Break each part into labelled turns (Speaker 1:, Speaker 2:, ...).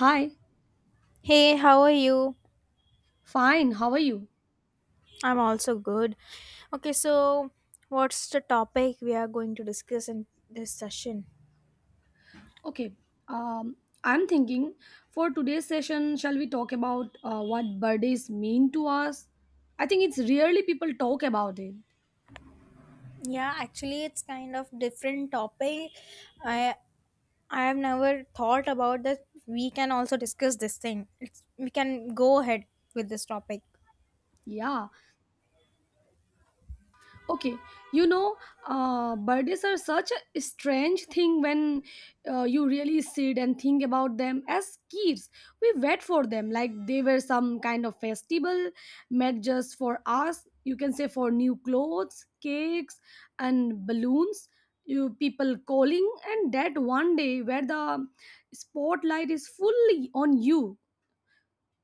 Speaker 1: Hi,
Speaker 2: Hey, how are you?
Speaker 1: fine. How are you?
Speaker 2: I'm also good. Okay, so what's the topic we are going to discuss in this session?
Speaker 1: Okay. Um, I'm thinking for today's session, shall we talk about what birthdays mean to us? I think it's rarely people talk about it.
Speaker 2: Yeah, actually it's kind of different topic. I I have never thought about that we can also discuss this thing. It's, we can go ahead with this topic.
Speaker 1: Yeah. Okay. you know birthdays are such a strange thing when you really sit and think about them. As kids we wait for them like they were some kind of festival made just for us, you can say, for new clothes, cakes and balloons, you people calling, and that one day where the spotlight is fully on you.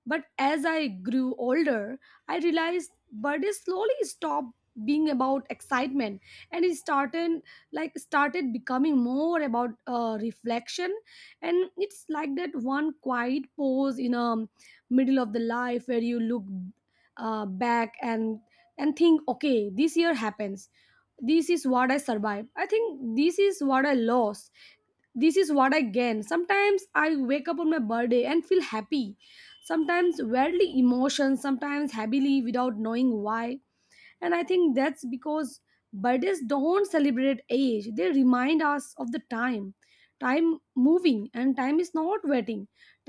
Speaker 1: But as I grew older, I realized birthdays slowly stopped being about excitement, and it started becoming more about reflection. And it's like that one quiet pause in a middle of the life where you look back and think, okay, this year happens, this is what I survived, I think, this is what I lost, this is what I gain. Sometimes I wake up on my birthday and feel happy, sometimes wildly emotions, sometimes happily without knowing why. And I think that's because birthdays don't celebrate age, they remind us of the time, time moving, and time is not waiting,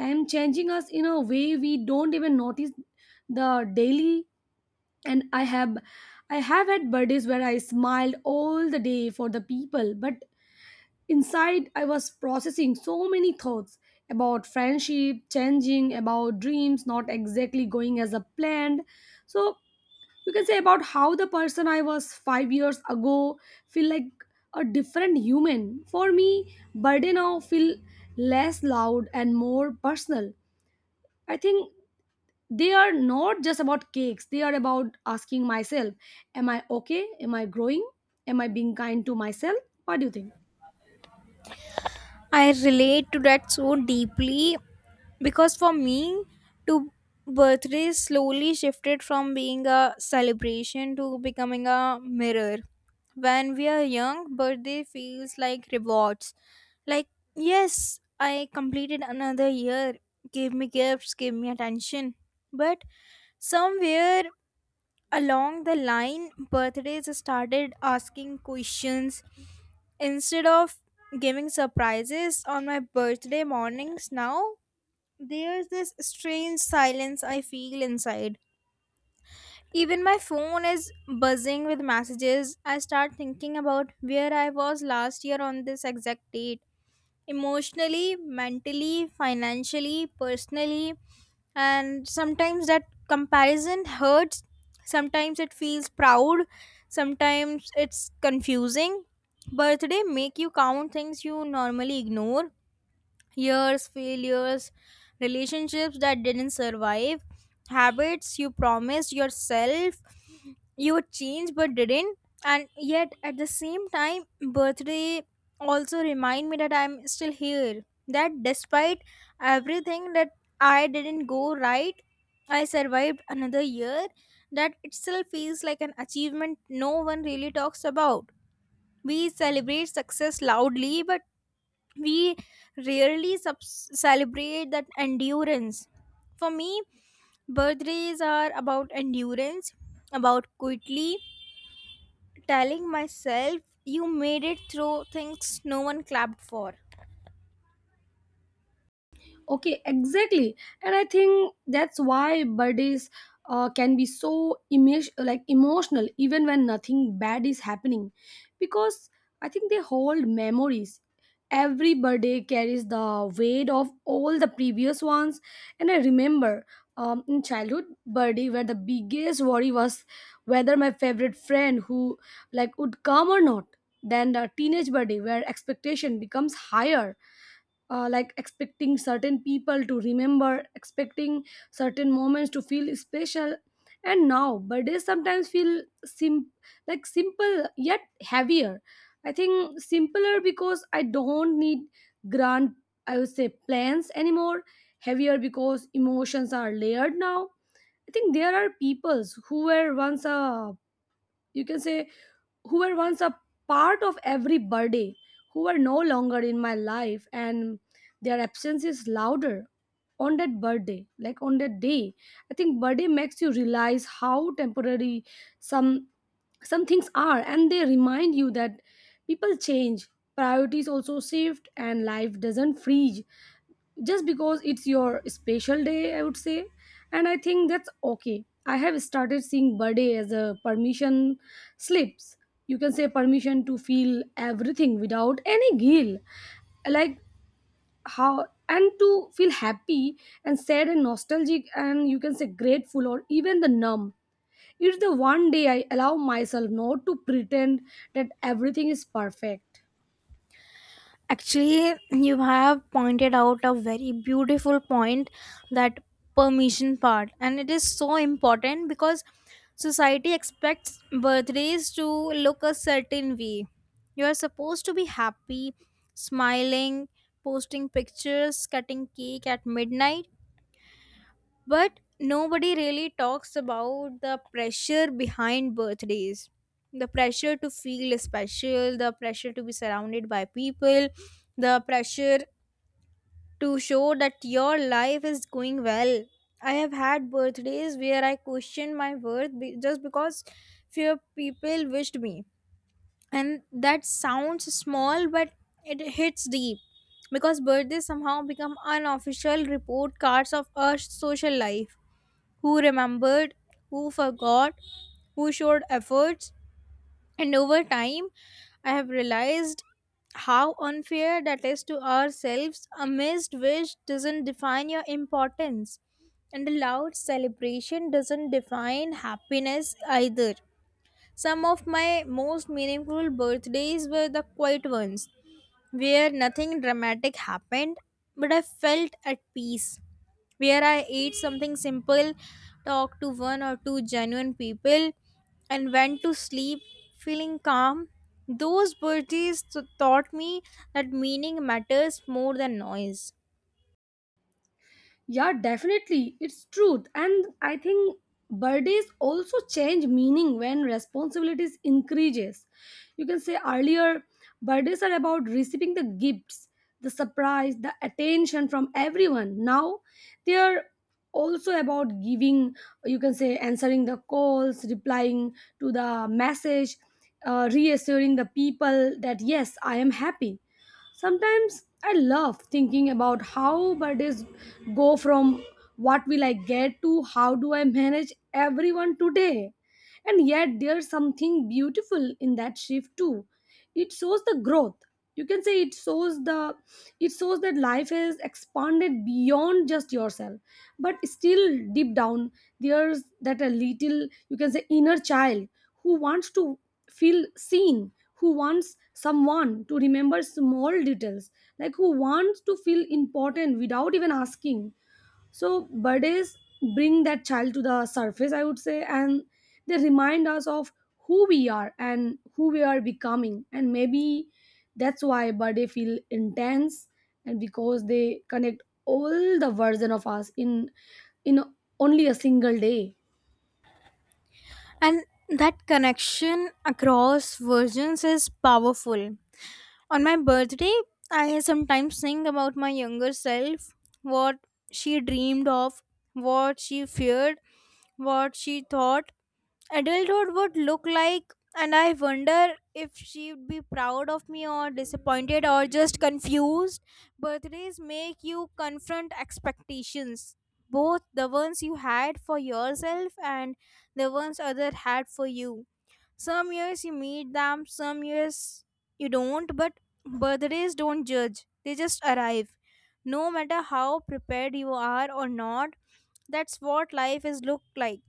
Speaker 1: time changing us in a way we don't even notice the daily. And I have had birthdays where I smiled all the day for the people, but inside, I was processing so many thoughts about friendship changing, about dreams not exactly going as a planned. So you can say about how the person I was 5 years ago feel like a different human. For me, birthday now feel less loud and more personal. I think they are not just about cakes. They are about asking myself, am I okay? Am I growing? Am I being kind to myself? What do you think?
Speaker 2: I relate to that so deeply because for me, to birthdays slowly shifted from being a celebration to becoming a mirror. When we are young, birthday feels like rewards. Like, yes, I completed another year, gave me gifts, gave me attention. But somewhere along the line, birthdays started asking questions. Instead of giving surprises on my birthday mornings now, there's this strange silence I feel inside. Even my phone is buzzing with messages. I start thinking about where I was last year on this exact date. Emotionally, mentally, financially, personally, and sometimes that comparison hurts, sometimes it feels proud, sometimes it's confusing. Birthday make you count things you normally ignore, years, failures, relationships that didn't survive, habits you promised yourself you would change but didn't. And yet, at the same time, birthday also remind me that I'm still here. That despite everything that I didn't go right, I survived another year. That itself feels like an achievement no one really talks about. We celebrate success loudly, but we rarely celebrate that endurance. For me, birthdays are about endurance, about quickly telling myself you made it through things no one clapped for.
Speaker 1: Okay, exactly. And I think that's why birthdays can be so image like emotional even when nothing bad is happening, because I think they hold memories. Every birthday carries the weight of all the previous ones. And I remember in childhood birthday where the biggest worry was whether my favorite friend who like would come or not. Then the teenage birthday where expectation becomes higher, like expecting certain people to remember, expecting certain moments to feel special. And now birthdays sometimes feel like simple yet heavier. I think simpler because I don't need grand, I would say, plans anymore. Heavier because emotions are layered now. I think there are peoples who were once a, you can say, who were once a part of every birthday, who are no longer in my life, and their absence is louder on that birthday, like on that day. I think birthday makes you realize how temporary some some things are, and they remind you that people change, priorities also shift, and life doesn't freeze just because it's your special day, I would say. And I think that's okay. I have started seeing birthday as a permission slips, you can say, permission to feel everything without any guilt, like how, and to feel happy and sad and nostalgic and, you can say, grateful or even the numb. It's the one day I allow myself not to pretend that everything is perfect.
Speaker 2: Actually, you have pointed out a very beautiful point that permission part, and it is so important because society expects birthdays to look a certain way. You are supposed to be happy, smiling, posting pictures, cutting cake at midnight, but nobody really talks about the pressure behind birthdays. The pressure to feel special, the pressure to be surrounded by people, the pressure to show that your life is going well. I have had birthdays where I questioned my worth just because few people wished me. And that sounds small, but it hits deep because birthdays somehow become unofficial report cards of our social life, who remembered, who forgot, who showed efforts. And over time, I have realized how unfair that is to ourselves, a missed wish doesn't define your importance, and a loud celebration doesn't define happiness either. Some of my most meaningful birthdays were the quiet ones where nothing dramatic happened, but I felt at peace. Where I ate something simple, talked to one or two genuine people, and went to sleep feeling calm. Those birthdays taught me that meaning matters more than noise.
Speaker 1: Yeah, definitely. It's truth. And I think birthdays also change meaning when responsibilities increases. You can say earlier, birthdays are about receiving the gifts, the surprise, the attention from everyone. Now they are also about giving, you can say answering the calls, replying to the message, reassuring the people that yes, I am happy. Sometimes I love thinking about how birthdays go from what will I get to how do I manage everyone today. And yet there's something beautiful in that shift too. It shows the growth. You can say it shows the, it shows that life has expanded beyond just yourself. But still deep down there's that a little, you can say, inner child who wants to feel seen, who wants someone to remember small details, like who wants to feel important without even asking. So birthdays bring that child to the surface, I would say, and they remind us of who we are and who we are becoming. And maybe that's why birthday feel intense, and because they connect all the version of us in only a single day.
Speaker 2: And that connection across versions is powerful. On my birthday, I sometimes think about my younger self, what she dreamed of, what she feared, what she thought adulthood would look like, and I wonder if she would be proud of me or disappointed or just confused. Birthdays make you confront expectations, both the ones you had for yourself and the ones other had for you. Some years you meet them, some years you don't, but birthdays don't judge. They just arrive. No matter how prepared you are or not, that's what life is look like.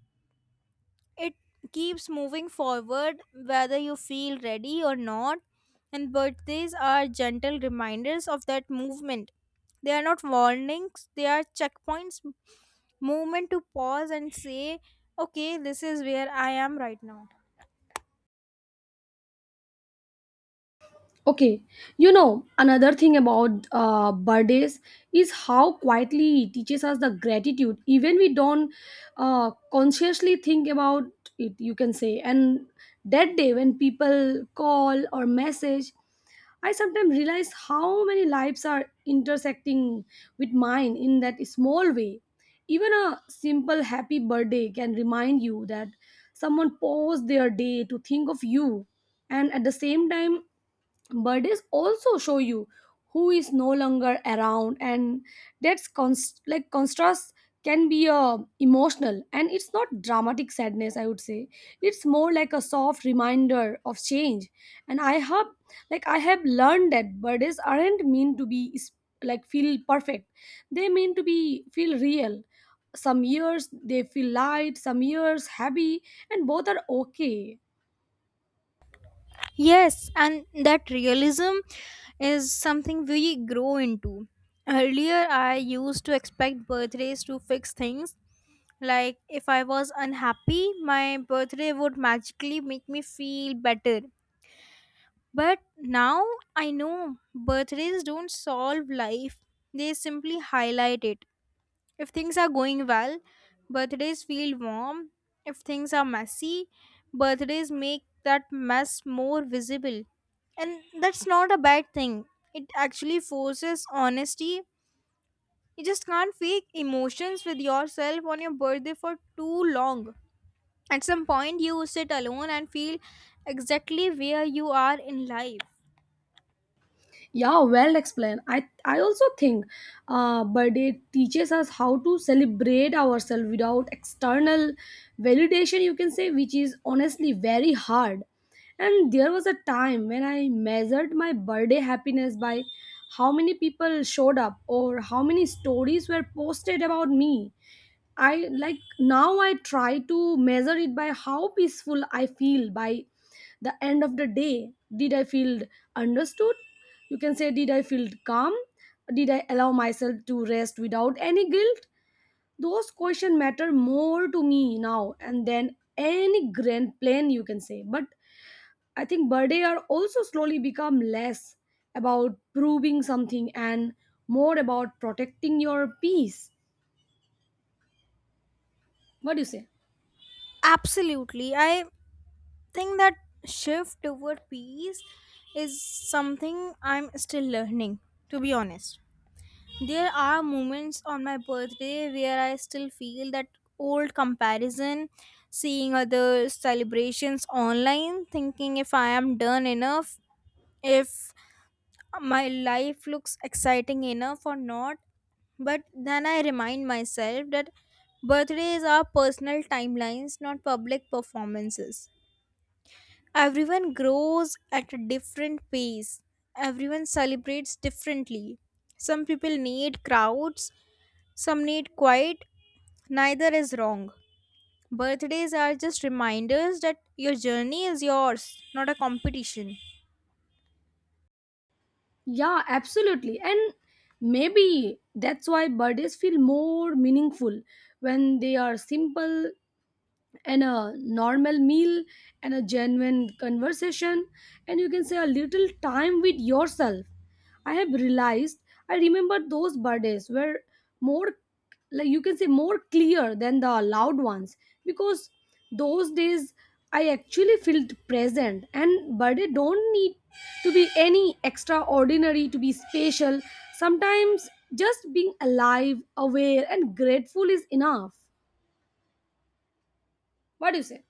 Speaker 2: It keeps moving forward whether you feel ready or not, and birthdays are gentle reminders of that movement. They are not warnings, they are checkpoints, moment to pause and say, okay, this is where I am right now.
Speaker 1: Okay, you know, another thing about birthdays is how quietly it teaches us the gratitude, even we don't consciously think about it, you can say. And that day, when people call or message, I sometimes realize how many lives are intersecting with mine in that small way. Even a simple happy birthday can remind you that someone paused their day to think of you. And at the same time, birthdays also show you who is no longer around, and that's like contrast can be emotional, and it's not dramatic sadness, I would say. It's more like a soft reminder of change. And I have learned that birthdays aren't meant to be like feel perfect, they mean to be feel real. Some years they feel light, some years heavy, and both are okay.
Speaker 2: Yes, and that realism is something we grow into. Earlier, I used to expect birthdays to fix things. Like, if I was unhappy, my birthday would magically make me feel better. But now I know birthdays don't solve life, they simply highlight it. If things are going well, birthdays feel warm. If things are messy, birthdays make that mess more visible. And that's not a bad thing. It actually forces honesty. You just can't fake emotions with yourself on your birthday for too long. At some point, you sit alone and feel exactly where you are in life.
Speaker 1: Yeah, well explained. I also think, birthday teaches us how to celebrate ourselves without external validation. You can say, which is honestly very hard. And there was a time when I measured my birthday happiness by how many people showed up or how many stories were posted about me. I like now I try to measure it by how peaceful I feel by the end of the day. Did I feel understood, you can say, did I feel calm, did I allow myself to rest without any guilt? Those questions matter more to me now and then any grand plan, you can say. But I think birthday are also slowly become less about proving something and more about protecting your peace. What do you say?
Speaker 2: Absolutely. I think that shift toward peace is something I'm still learning, to be honest. There are moments on my birthday where I still feel that old comparison, seeing other celebrations online, thinking if I am done enough, if my life looks exciting enough or not. But then I remind myself that birthdays are personal timelines, not public performances. Everyone grows at a different pace. Everyone celebrates differently. Some people need crowds, some need quiet. Neither is wrong. Birthdays are just reminders that your journey is yours, not a competition.
Speaker 1: Yeah, absolutely. And maybe that's why birthdays feel more meaningful when they are simple, and a normal meal, and a genuine conversation, and, you can say, a little time with yourself. I have realized I remember those birthdays were more, like you can say, more clear than the loud ones, because those days I actually felt present. And birthday don't need to be any extraordinary to be special. Sometimes just being alive, aware and grateful is enough. What do you say?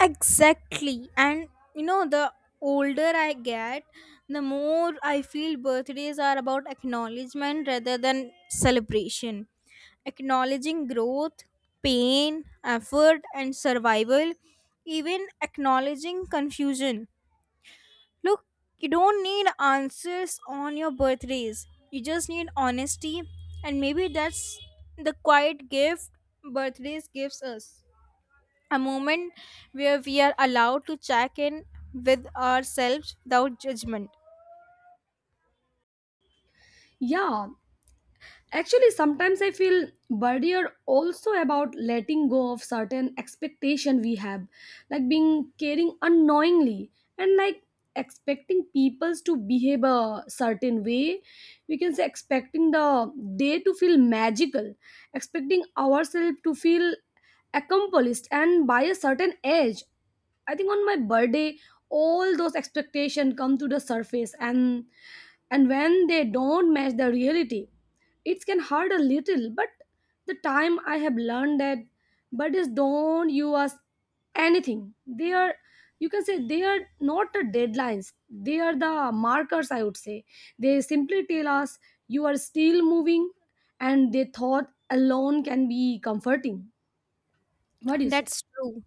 Speaker 2: Exactly. And you know, the older I get, the more I feel birthdays are about acknowledgement rather than celebration. Acknowledging growth, pain, effort, and survival, even acknowledging confusion. Look, you don't need answers on your birthdays, you just need honesty, and maybe that's the quiet gift birthdays gives us, a moment where we are allowed to check in with ourselves without judgment.
Speaker 1: Yeah. Actually, sometimes I feel burdened also about letting go of certain expectation we have, like being caring unknowingly, and like expecting people to behave a certain way. We can say expecting the day to feel magical, expecting ourselves to feel accomplished and by a certain age. I think on my birthday, all those expectations come to the surface, and when they don't match the reality, it can hurt a little. But the time I have learned that birthdays don't you ask anything. They are, you can say, they are not the deadlines. They are the markers, I would say. They simply tell us you are still moving, and they thought alone can be comforting. What do you say?
Speaker 2: That's true.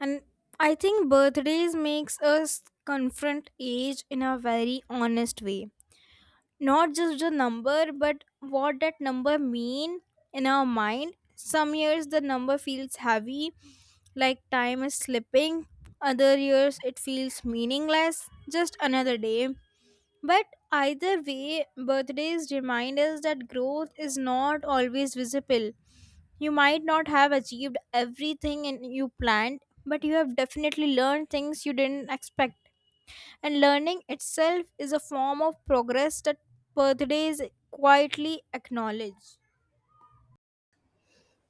Speaker 2: And I think birthdays makes us confront age in a very honest way, not just the number but what that number mean in our mind. Some years the number feels heavy, like time is slipping, other years it feels meaningless, just another day. But either way, birthdays remind us that growth is not always visible. You might not have achieved everything you planned, but you have definitely learned things you didn't expect. And learning itself is a form of progress that birthdays quietly acknowledge.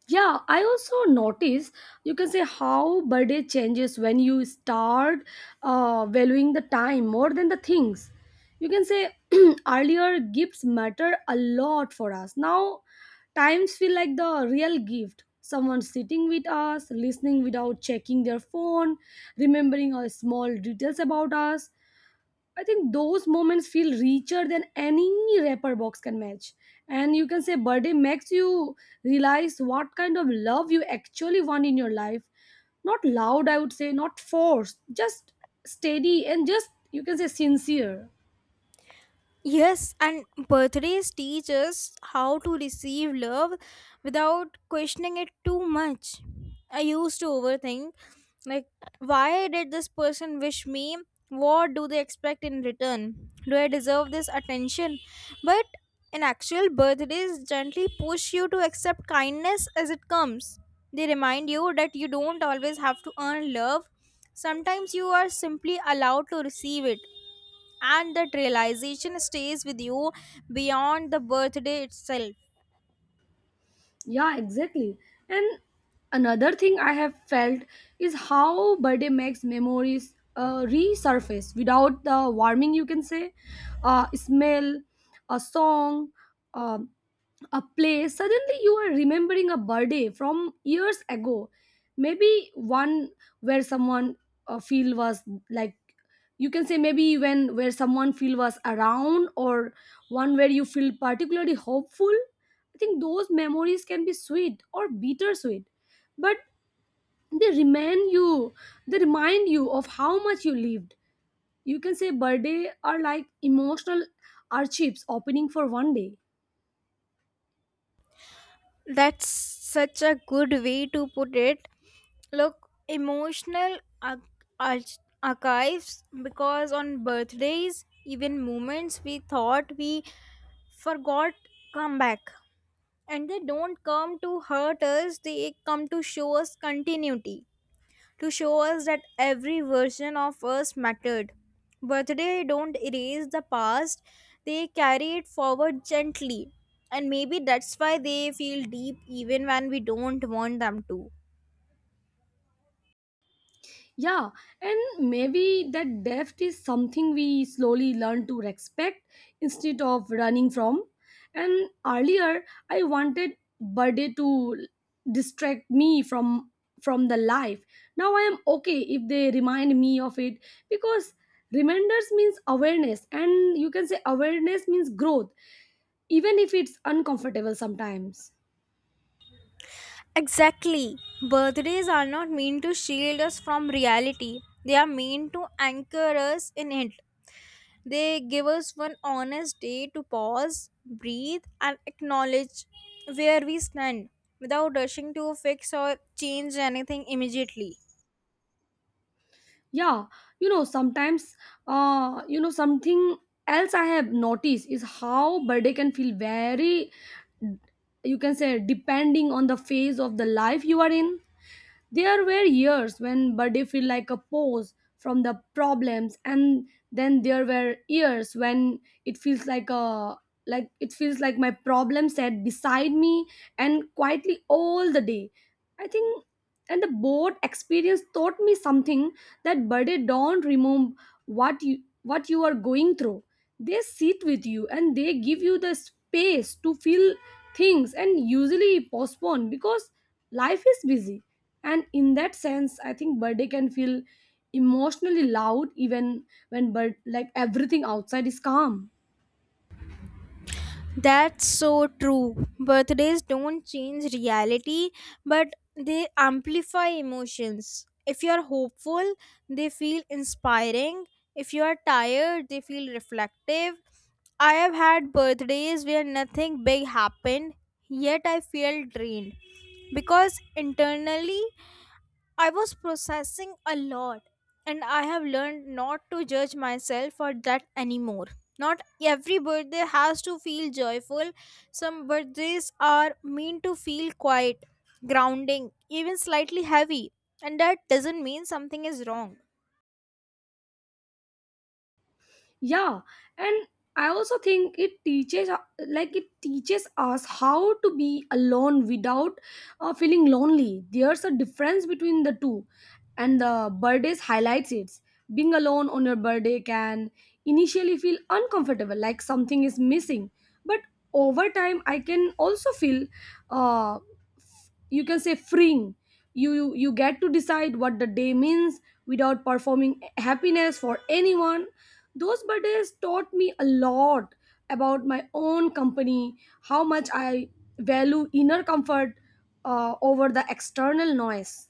Speaker 1: Yeah, I also notice, you can say, how birthday changes when you start valuing the time more than the things, you can say. Earlier gifts matter a lot for us, now times feel like the real gift, someone sitting with us, listening without checking their phone, remembering our small details about us. I think those moments feel richer than any wrapper box can match. And you can say birthday makes you realize what kind of love you actually want in your life. Not loud, I would say, not forced, just steady and just, you can say, sincere.
Speaker 2: Yes, and birthdays teach us how to receive love without questioning it too much. I used to overthink. Like, why did this person wish me? What do they expect in return? Do I deserve this attention? But in actual, birthdays gently push you to accept kindness as it comes. They remind you that you don't always have to earn love. Sometimes you are simply allowed to receive it, and that realization stays with you beyond the birthday itself.
Speaker 1: Yeah, exactly. And another thing I have felt is how birthday makes memories resurface without the warming, you can say, smell, a song, um a play, suddenly you are remembering a birthday from years ago. Maybe one where someone feel was like, you can say, maybe when where someone feel was around, or one where you feel particularly hopeful. I think those memories can be sweet or bittersweet, but they remind you they remind you of how much you lived. You can say birthday are like emotional archives opening for one day.
Speaker 2: That's such a good way to put it. Look, emotional archives, because on birthdays, even moments we thought we forgot come back. And they don't come to hurt us, they come to show us continuity, to show us that every version of us mattered. Birthday don't erase the past, they carry it forward gently. And maybe that's why they feel deep even when we don't want them to.
Speaker 1: Yeah, and maybe that depth is something we slowly learn to respect instead of running from. And earlier, I wanted birthday to distract me from the life. Now I am okay if they remind me of it, because reminders means awareness, and you can say awareness means growth, even if it's uncomfortable sometimes.
Speaker 2: Exactly. Birthdays are not meant to shield us from reality, they are meant to anchor us in it. They give us one honest day to pause, breathe, and acknowledge where we stand without rushing to fix or change anything immediately.
Speaker 1: Yeah, you know, sometimes you know something else I have noticed is how birthday can feel very, you can say, depending on the phase of the life you are in. There were years when Buddy felt like a pause from the problems, and then there were years when it feels like a, like it feels like my problem sat beside me and quietly all the day. I think, and the boat experience taught me something, that Buddy don't remove what you are going through. They sit with you and they give you the space to feel things and usually postpone because life is busy. And in that sense I think birthday can feel emotionally loud even when bird like everything outside is calm.
Speaker 2: That's so true. Birthdays don't change reality, but they amplify emotions. If you're hopeful, they feel inspiring. If you are tired, they feel reflective. I have had birthdays where nothing big happened, yet I feel drained because internally I was processing a lot, and I have learned not to judge myself for that anymore. Not every birthday has to feel joyful, some birthdays are meant to feel quiet, grounding, even slightly heavy, and that doesn't mean something is wrong.
Speaker 1: Yeah, and I also think it teaches, it teaches us how to be alone without feeling lonely. There's a difference between the two, and the birthdays highlights it. Being alone on your birthday can initially feel uncomfortable, like something is missing, but over time I can also feel, uh, you can say, freeing. You get to decide what the day means without performing happiness for anyone. Those birthdays taught me a lot about my own company, how much I value inner comfort over the external noise.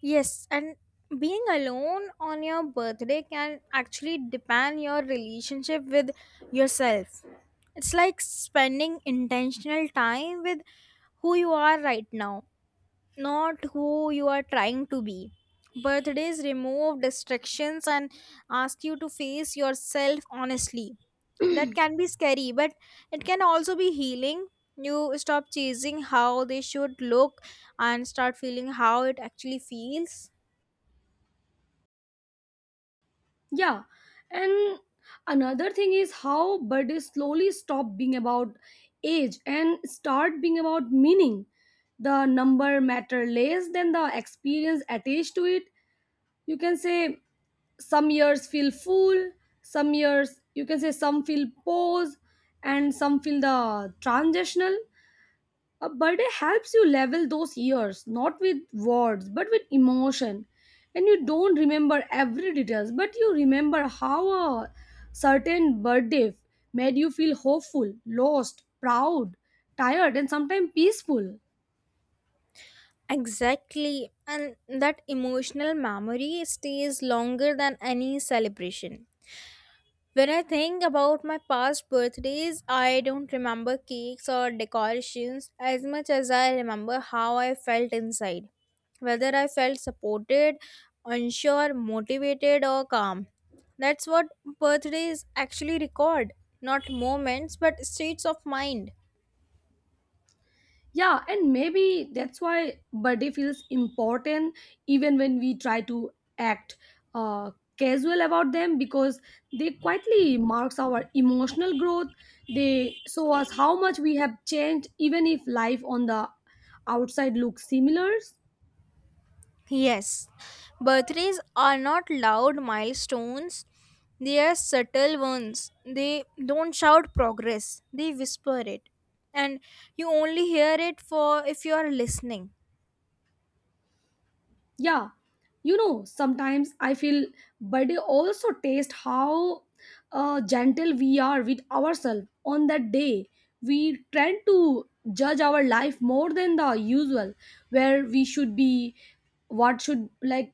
Speaker 2: Yes, and being alone on your birthday can actually deepen your relationship with yourself. It's like spending intentional time with who you are right now, not who you are trying to be. Birthdays remove distractions and ask you to face yourself honestly. That can be scary, but it can also be healing. You stop chasing how they should look and start feeling how it actually feels.
Speaker 1: Yeah, and another thing is how birthdays slowly stop being about age and start being about meaning. The number matter less than the experience attached to it. You can say some years feel full, some years, you can say, some feel pause, and some feel the transitional. A birthday helps you level those years not with words but with emotion, and you don't remember every details but you remember how a certain birthday made you feel hopeful, lost, proud, tired, and sometimes peaceful.
Speaker 2: Exactly, and that emotional memory stays longer than any celebration. When I think about my past birthdays, I don't remember cakes or decorations as much as I remember how I felt inside. Whether I felt supported, unsure, motivated, or calm. That's what birthdays actually record. Not moments, but states of mind.
Speaker 1: Yeah, and maybe that's why birthday feels important even when we try to act uh, casual about them, because they quietly marks our emotional growth. They show us how much we have changed even if life on the outside looks similar.
Speaker 2: Yes, birthdays are not loud milestones, they are subtle ones. They don't shout progress, they whisper it. And you only hear it for if you are listening.
Speaker 1: Yeah, you know, sometimes I feel birthday also taste how gentle we are with ourselves on that day. We tend to judge our life more than the usual, where we should be, what should, like,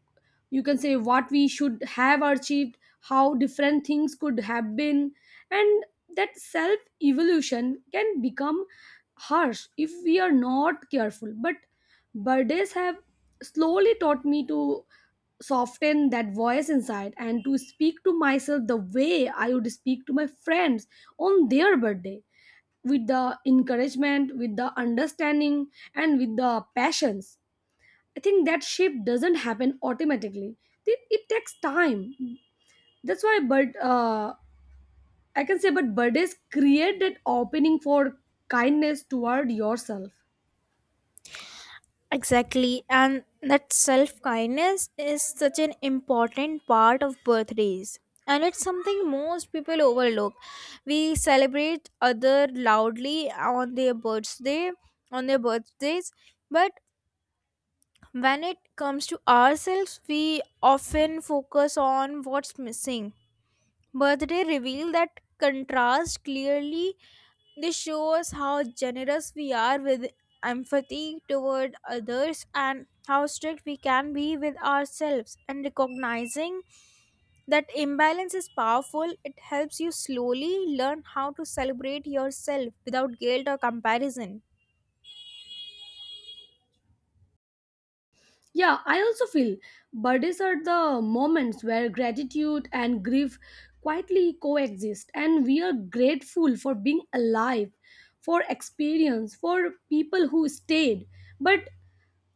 Speaker 1: you can say what we should have achieved, how different things could have been, and that self evolution can become harsh if we are not careful. But birthdays have slowly taught me to soften that voice inside and to speak to myself the way I would speak to my friends on their birthday, with the encouragement, with the understanding, and with the passions. I think that shift doesn't happen automatically, it takes time. That's why, but I can say, but birthdays create that opening for kindness toward yourself.
Speaker 2: Exactly, and that self kindness is such an important part of birthdays. And it's something most people overlook. We celebrate other loudly on their birthday, on their birthdays, but when it comes to ourselves, we often focus on what's missing. Birthday reveal that contrast clearly. They show us how generous we are with empathy toward others and how strict we can be with ourselves. And recognizing that imbalance is powerful, it helps you slowly learn how to celebrate yourself without guilt or comparison.
Speaker 1: Yeah, I also feel birthdays are the moments where gratitude and grief quietly coexist, and we are grateful for being alive, for experience, for people who stayed. But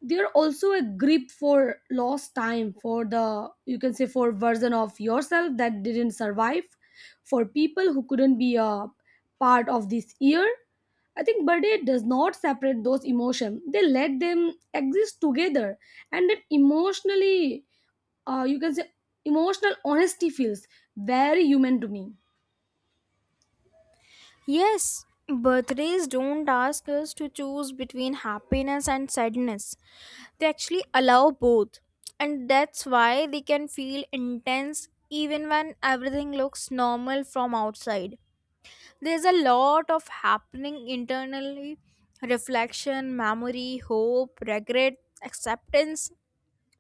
Speaker 1: they're also a grip for lost time, for the, you can say, for version of yourself that didn't survive, for people who couldn't be a part of this year. I think birthday does not separate those emotions, they let them exist together, and that emotionally, you can say, emotional honesty feels very human to me.
Speaker 2: Yes, birthdays don't ask us to choose between happiness and sadness. They actually allow both. And that's why they can feel intense even when everything looks normal from outside. There's a lot of happening internally, reflection, memory, hope, regret, acceptance.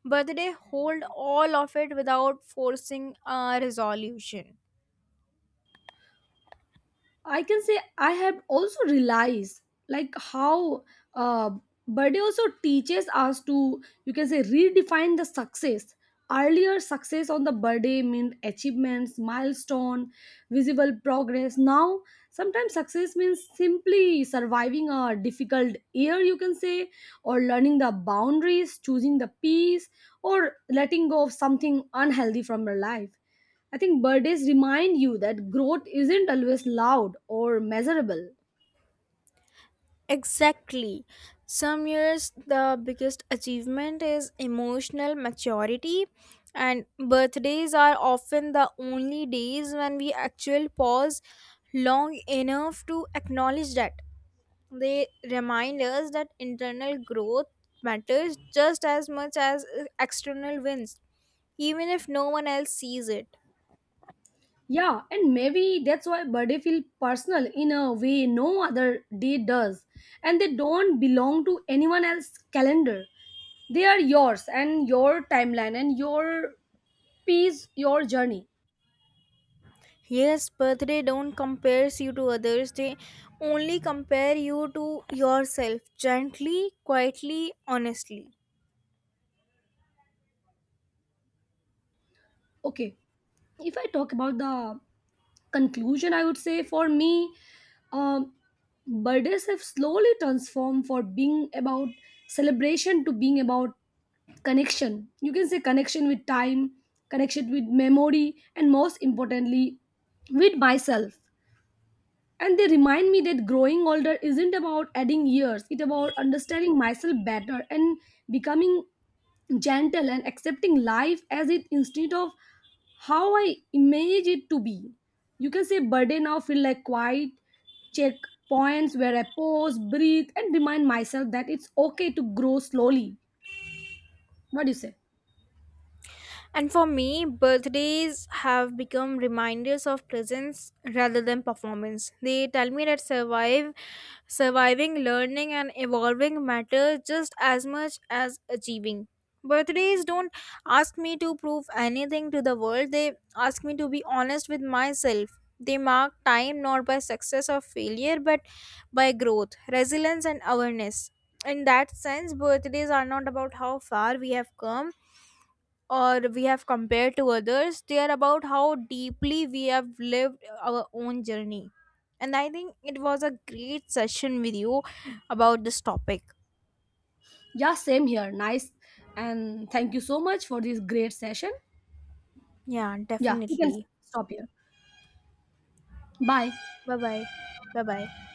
Speaker 2: Birthday hold all of it without forcing a resolution.
Speaker 1: I can say I have also realized, like, how uh, birthday also teaches us to, you can say, redefine the success. Earlier success on the birthday meant achievements, milestone, visible progress. Now sometimes success means simply surviving a difficult year, you can say, or learning the boundaries, choosing the peace, or letting go of something unhealthy from your life. I think birthdays remind you that growth isn't always loud or measurable.
Speaker 2: Exactly. Some years the biggest achievement is emotional maturity, and birthdays are often the only days when we actually pause long enough to acknowledge that. They remind us that internal growth matters just as much as external wins, even if no one else sees it.
Speaker 1: Yeah, and maybe that's why birthday feel personal in a way no other day does. And they don't belong to anyone else's calendar. They are yours, and your timeline, and your piece, your journey.
Speaker 2: Yes, but they don't compare you to others. They only compare you to yourself, gently, quietly, honestly.
Speaker 1: Okay, if I talk about the conclusion, I would say for me, um, birthdays have slowly transformed for being about celebration to being about connection. You can say connection with time, connection with memory, and most importantly, with myself. And they remind me that growing older isn't about adding years, it's about understanding myself better and becoming gentle and accepting life as it, instead of how I imagine it to be. You can say birthday now feel like quiet check points where I pause, breathe, and remind myself that it's okay to grow slowly. What do you say?
Speaker 2: And for me, birthdays have become reminders of presence rather than performance. They tell me that surviving, learning, and evolving matter just as much as achieving. Birthdays don't ask me to prove anything to the world, they ask me to be honest with myself. They mark time not by success or failure, but by growth, resilience, and awareness. In that sense, birthdays are not about how far we have come or we have compared to others, they are about how deeply we have lived our own journey. And I think it was a great session with you about this topic.
Speaker 1: Yeah, same here, nice. And thank you so much for this great session.
Speaker 2: Yeah,
Speaker 1: Yeah, you can
Speaker 2: definitely.
Speaker 1: stop here. Bye.
Speaker 2: Bye bye. Bye bye.